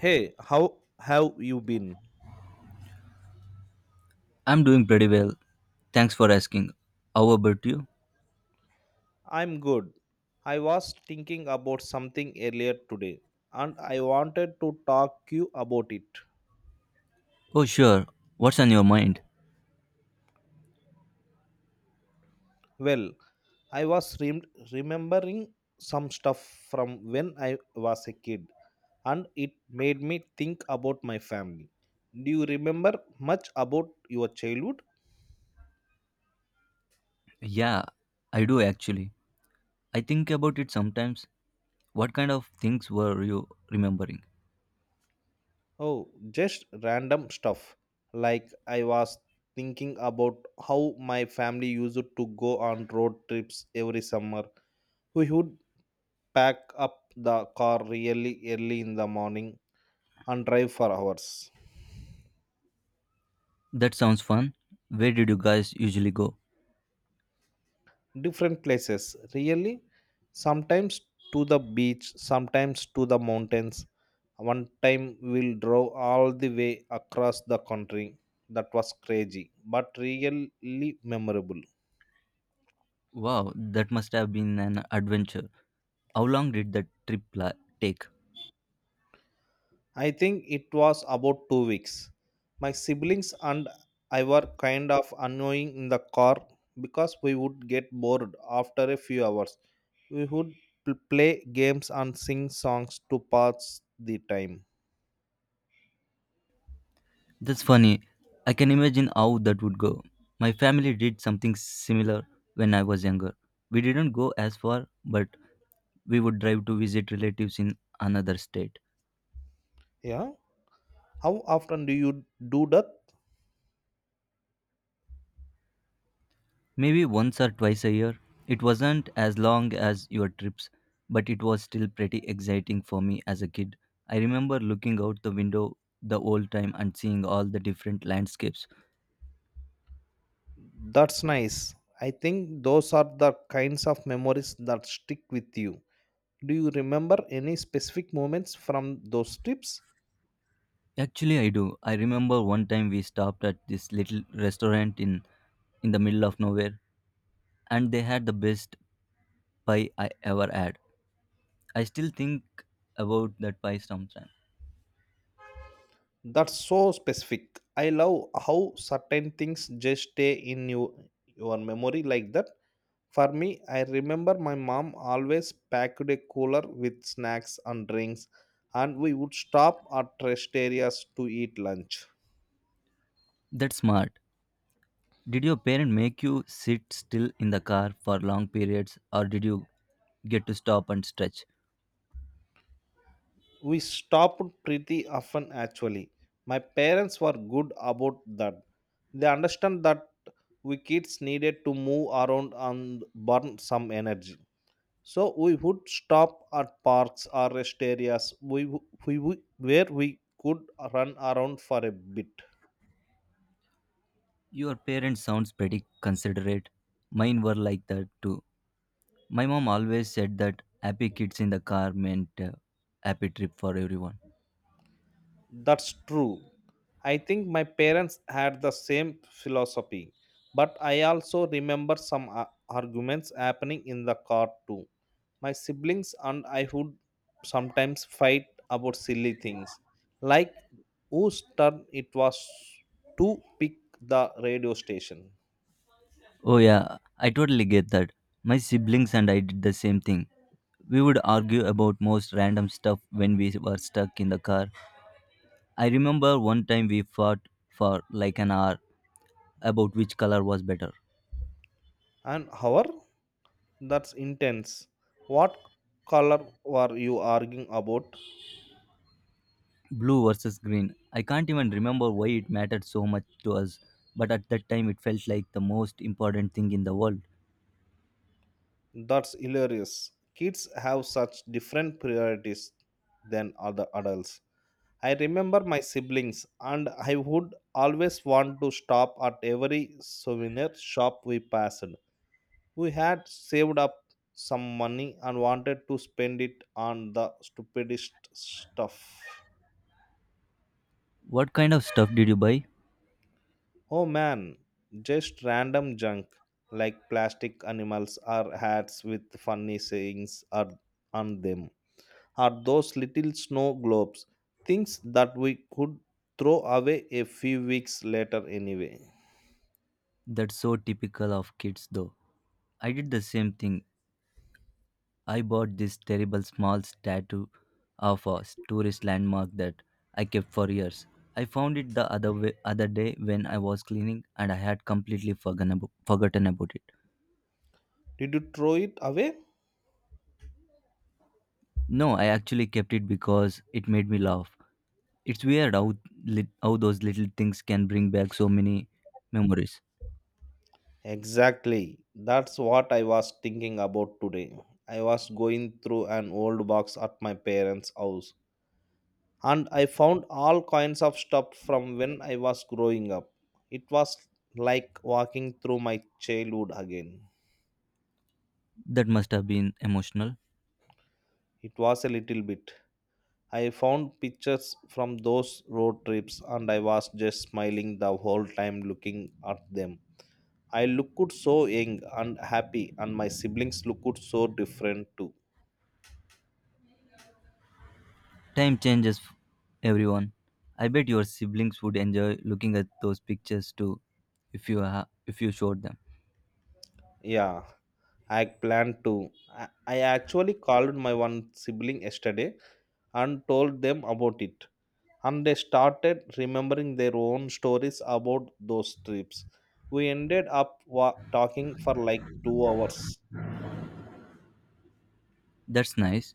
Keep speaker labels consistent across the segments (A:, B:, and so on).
A: Hey, how have you been?
B: I'm doing pretty well. Thanks for asking. How about you?
A: I'm good. I was thinking about something earlier today and I wanted to talk you about it.
B: Oh, sure. What's on your mind?
A: Well, I was rem- remembering some stuff from when I was a kid and it made me think about my family. Do you remember much about your childhood?
B: Yeah, I do actually. I think about it sometimes. What kind of things were you remembering?
A: Oh, just random stuff. Like I was thinking about how my family used to go on road trips every summer. We would pack up the car really early in the morning and drive for hours.
B: That sounds fun. Where did you guys usually go?
A: Different places, really. Sometimes to the beach, sometimes to the mountains. One time we'll drove all the way across the country. That was crazy, but really memorable.
B: Wow, that must have been an adventure. How long did take?
A: I think it was about 2 weeks. My siblings and I were kind of annoying in the car because we would get bored after a few hours. We would play games and sing songs to pass the time.
B: That's funny. I can imagine how that would go. My family did something similar when I was younger. We didn't go as far, but we would drive to visit relatives in another state.
A: Yeah. How often do you do that?
B: Maybe once or twice a year. It wasn't as long as your trips, but it was still pretty exciting for me as a kid. I remember looking out the window the whole time and seeing all the different landscapes.
A: That's nice. I think those are the kinds of memories that stick with you. Do you remember any specific moments from those trips?
B: Actually, I do. I remember one time we stopped at this little restaurant in the middle of nowhere, and they had the best pie I ever had. I still think about that pie sometimes.
A: That's so specific. I love how certain things just stay in you, your memory like that. For me, I remember my mom always packed a cooler with snacks and drinks, and we would stop at rest areas to eat lunch.
B: That's smart. Did your parent make you sit still in the car for long periods, or did you get to stop and stretch?
A: We stopped pretty often actually. My parents were good about that. They understand that we kids needed to move around and burn some energy. So we would stop at parks or rest areas where we could run around for a bit.
B: Your parents sounds pretty considerate. Mine were like that too. My mom always said that happy kids in the car meant happy trip for everyone.
A: That's true. I think my parents had the same philosophy, but I also remember some arguments happening in the car too. My siblings and I would sometimes fight about silly things, like whose turn it was to pick the radio station
B: Oh yeah, I totally get that. My siblings and I did the same thing. We would argue about most random stuff when we were stuck in the car. I remember one time we fought for like an hour about which color was better.
A: and our. That's intense. What color were you arguing about?
B: Blue versus green. I can't even remember why it mattered so much to us, but at that time it felt like the most important thing in the world.
A: That's hilarious. Kids have such different priorities than other adults. I remember my siblings, and I would always want to stop at every souvenir shop we passed. We had saved up some money and wanted to spend it on the stupidest stuff.
B: What kind of stuff did you buy?
A: Oh man, just random junk like plastic animals or hats with funny sayings are on them, or those little snow globes, things that we could throw away a few weeks later anyway.
B: That's so typical of kids though. I did the same thing. I bought this terrible small statue of a tourist landmark that I kept for years. I found it the other day when I was cleaning, and I had forgotten about it.
A: Did you throw it away?
B: No, I actually kept it because it made me laugh. It's weird how lit how those little things can bring back so many memories.
A: Exactly. That's what I was thinking about today. I was going through an old box at my parents' house and I found all kinds of stuff from when I was growing up. It was like walking through my childhood again.
B: That must have been emotional.
A: It was a little bit. I found pictures from those road trips and I was just smiling the whole time looking at them. I looked so young and happy, and my siblings looked so different too.
B: Time changes everyone. I bet your siblings would enjoy looking at those pictures too if you ha- if you showed them.
A: Yeah, I planned to. I actually called my one sibling yesterday and told them about it, and they started remembering their own stories about those trips. We ended up talking for like 2 hours.
B: That's nice.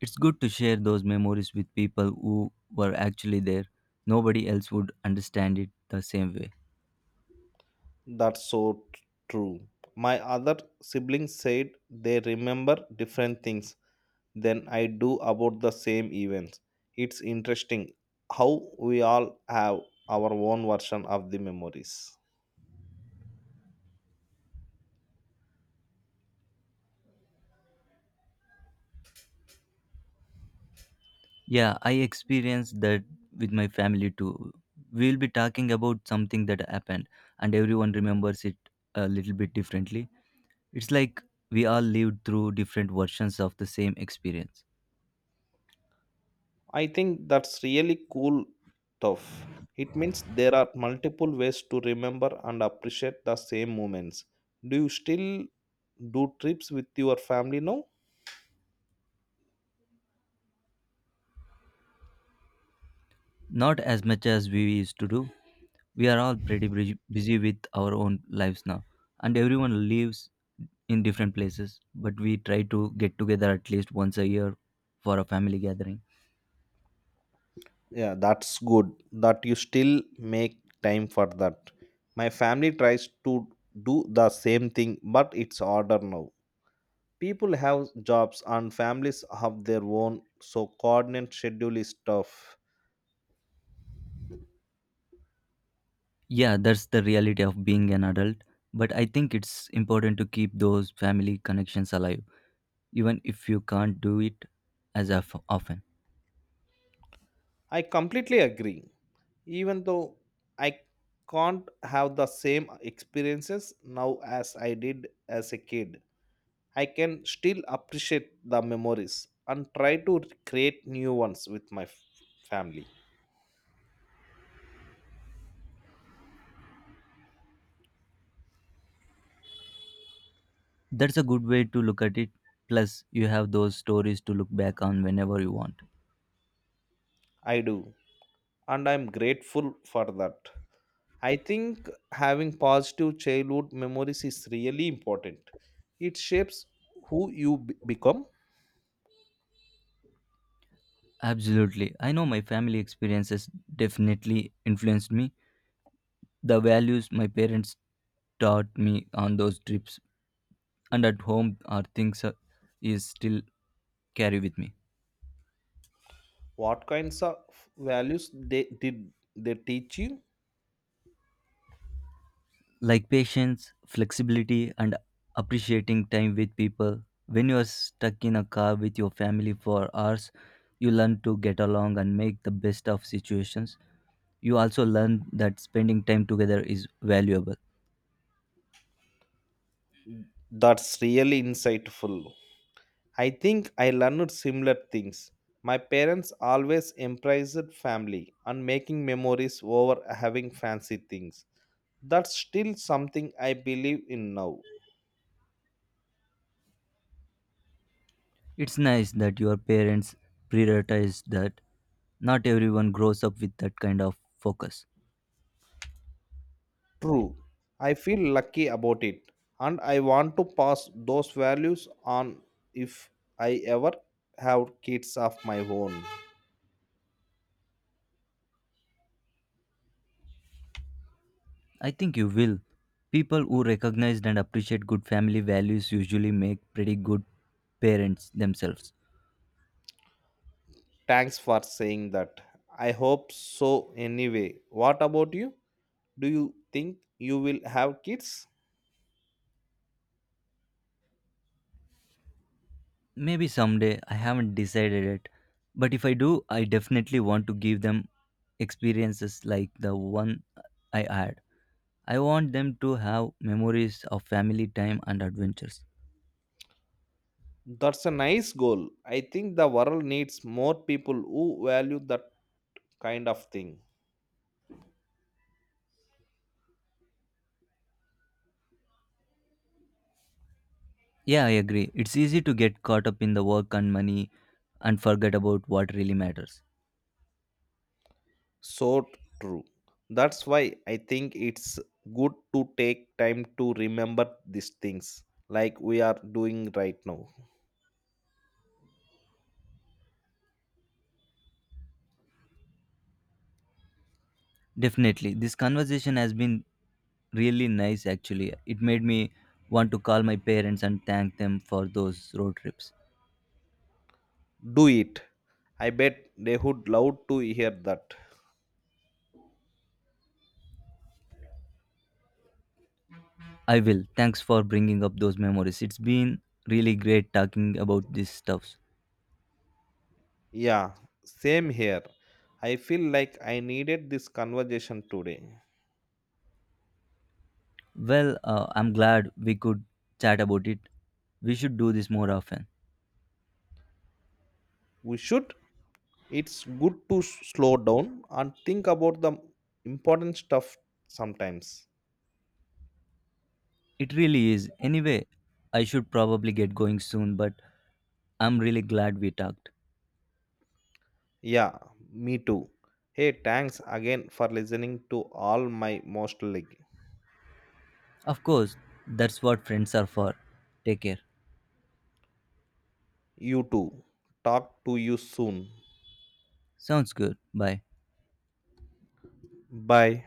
B: It's good to share those memories with people who were actually there. Nobody else would understand it the same way.
A: That's so t- True. My other siblings said they remember different things than I do about the same events. It's interesting how we all have our own version of the memories.
B: Yeah, I experienced that with my family too. We'll be talking about something that happened, and everyone remembers it a little bit differently. It's like we all lived through different versions of the same experience.
A: I think that's really cool stuff. It means there are multiple ways to remember and appreciate the same moments. Do you still do trips with your family now?
B: Not as much as we used to do. We are all busy with our own lives now, and everyone lives in different places, but we try to get together at least once a year for a family gathering.
A: Yeah, that's good that you still make time for that. My family tries to do the same thing, but it's harder now. People have jobs and families have their own, so coordinate schedule is tough.
B: Yeah, that's the reality of being an adult. But I think it's important to keep those family connections alive, even if you can't do it often.
A: I completely agree. Even though I can't have the same experiences now as I did as a kid, I can still appreciate the memories and try to create new ones with my family.
B: That's a good way to look at it. Plus, you have those stories to look back on whenever you want.
A: I do, and I'm grateful for that. I think having positive childhood memories is really important. It shapes who you become.
B: Absolutely. I know my family experiences definitely influenced me. The values my parents taught me on those trips and at home are things is still carry with me.
A: What kinds of values they did they teach you?
B: Like patience, flexibility, and appreciating time with people. When you are stuck in a car with your family for hours, you learn to get along and make the best of situations. You also learn that spending time together is valuable.
A: That's really insightful. I think I learned similar things. My parents always emphasized family and making memories over having fancy things. That's still something I believe in now.
B: It's nice that your parents prioritize that. Not everyone grows up with that kind of focus.
A: True. I feel lucky about it and I want to pass those values on if I ever have kids of my own.
B: I think you will. People who recognize and appreciate good family values usually make pretty good parents themselves.
A: Thanks for saying that. I hope so anyway. What about you? Do you think you will have kids?
B: Maybe someday, I haven't decided it. But if I do, I definitely want to give them experiences like the one I had. I want them to have memories of family time and adventures.
A: That's a nice goal. I think the world needs more people who value that kind of thing.
B: Yeah, I agree. It's easy to get caught up in the work and money and forget about what really matters.
A: So true. That's why I think it's good to take time to remember these things like we are doing right now.
B: Definitely. This conversation has been really nice actually. It made me want to call my parents and thank them for those road trips.
A: Do it. I bet they would love to hear that.
B: I will. Thanks for bringing up those memories. It's been really great talking about these stuffs.
A: Yeah, same here. I feel like I needed this conversation today.
B: Well, I'm glad we could chat about it. We should do this more often.
A: We should. It's good to slow down and think about the important stuff sometimes.
B: It really is. Anyway, I should probably get going soon, but I'm really glad we talked.
A: Yeah, me too. Hey, thanks again for listening to all my most like
B: Of course, that's what friends are for. Take care.
A: you too. Talk to you soon.
B: Sounds good. Bye.
A: Bye.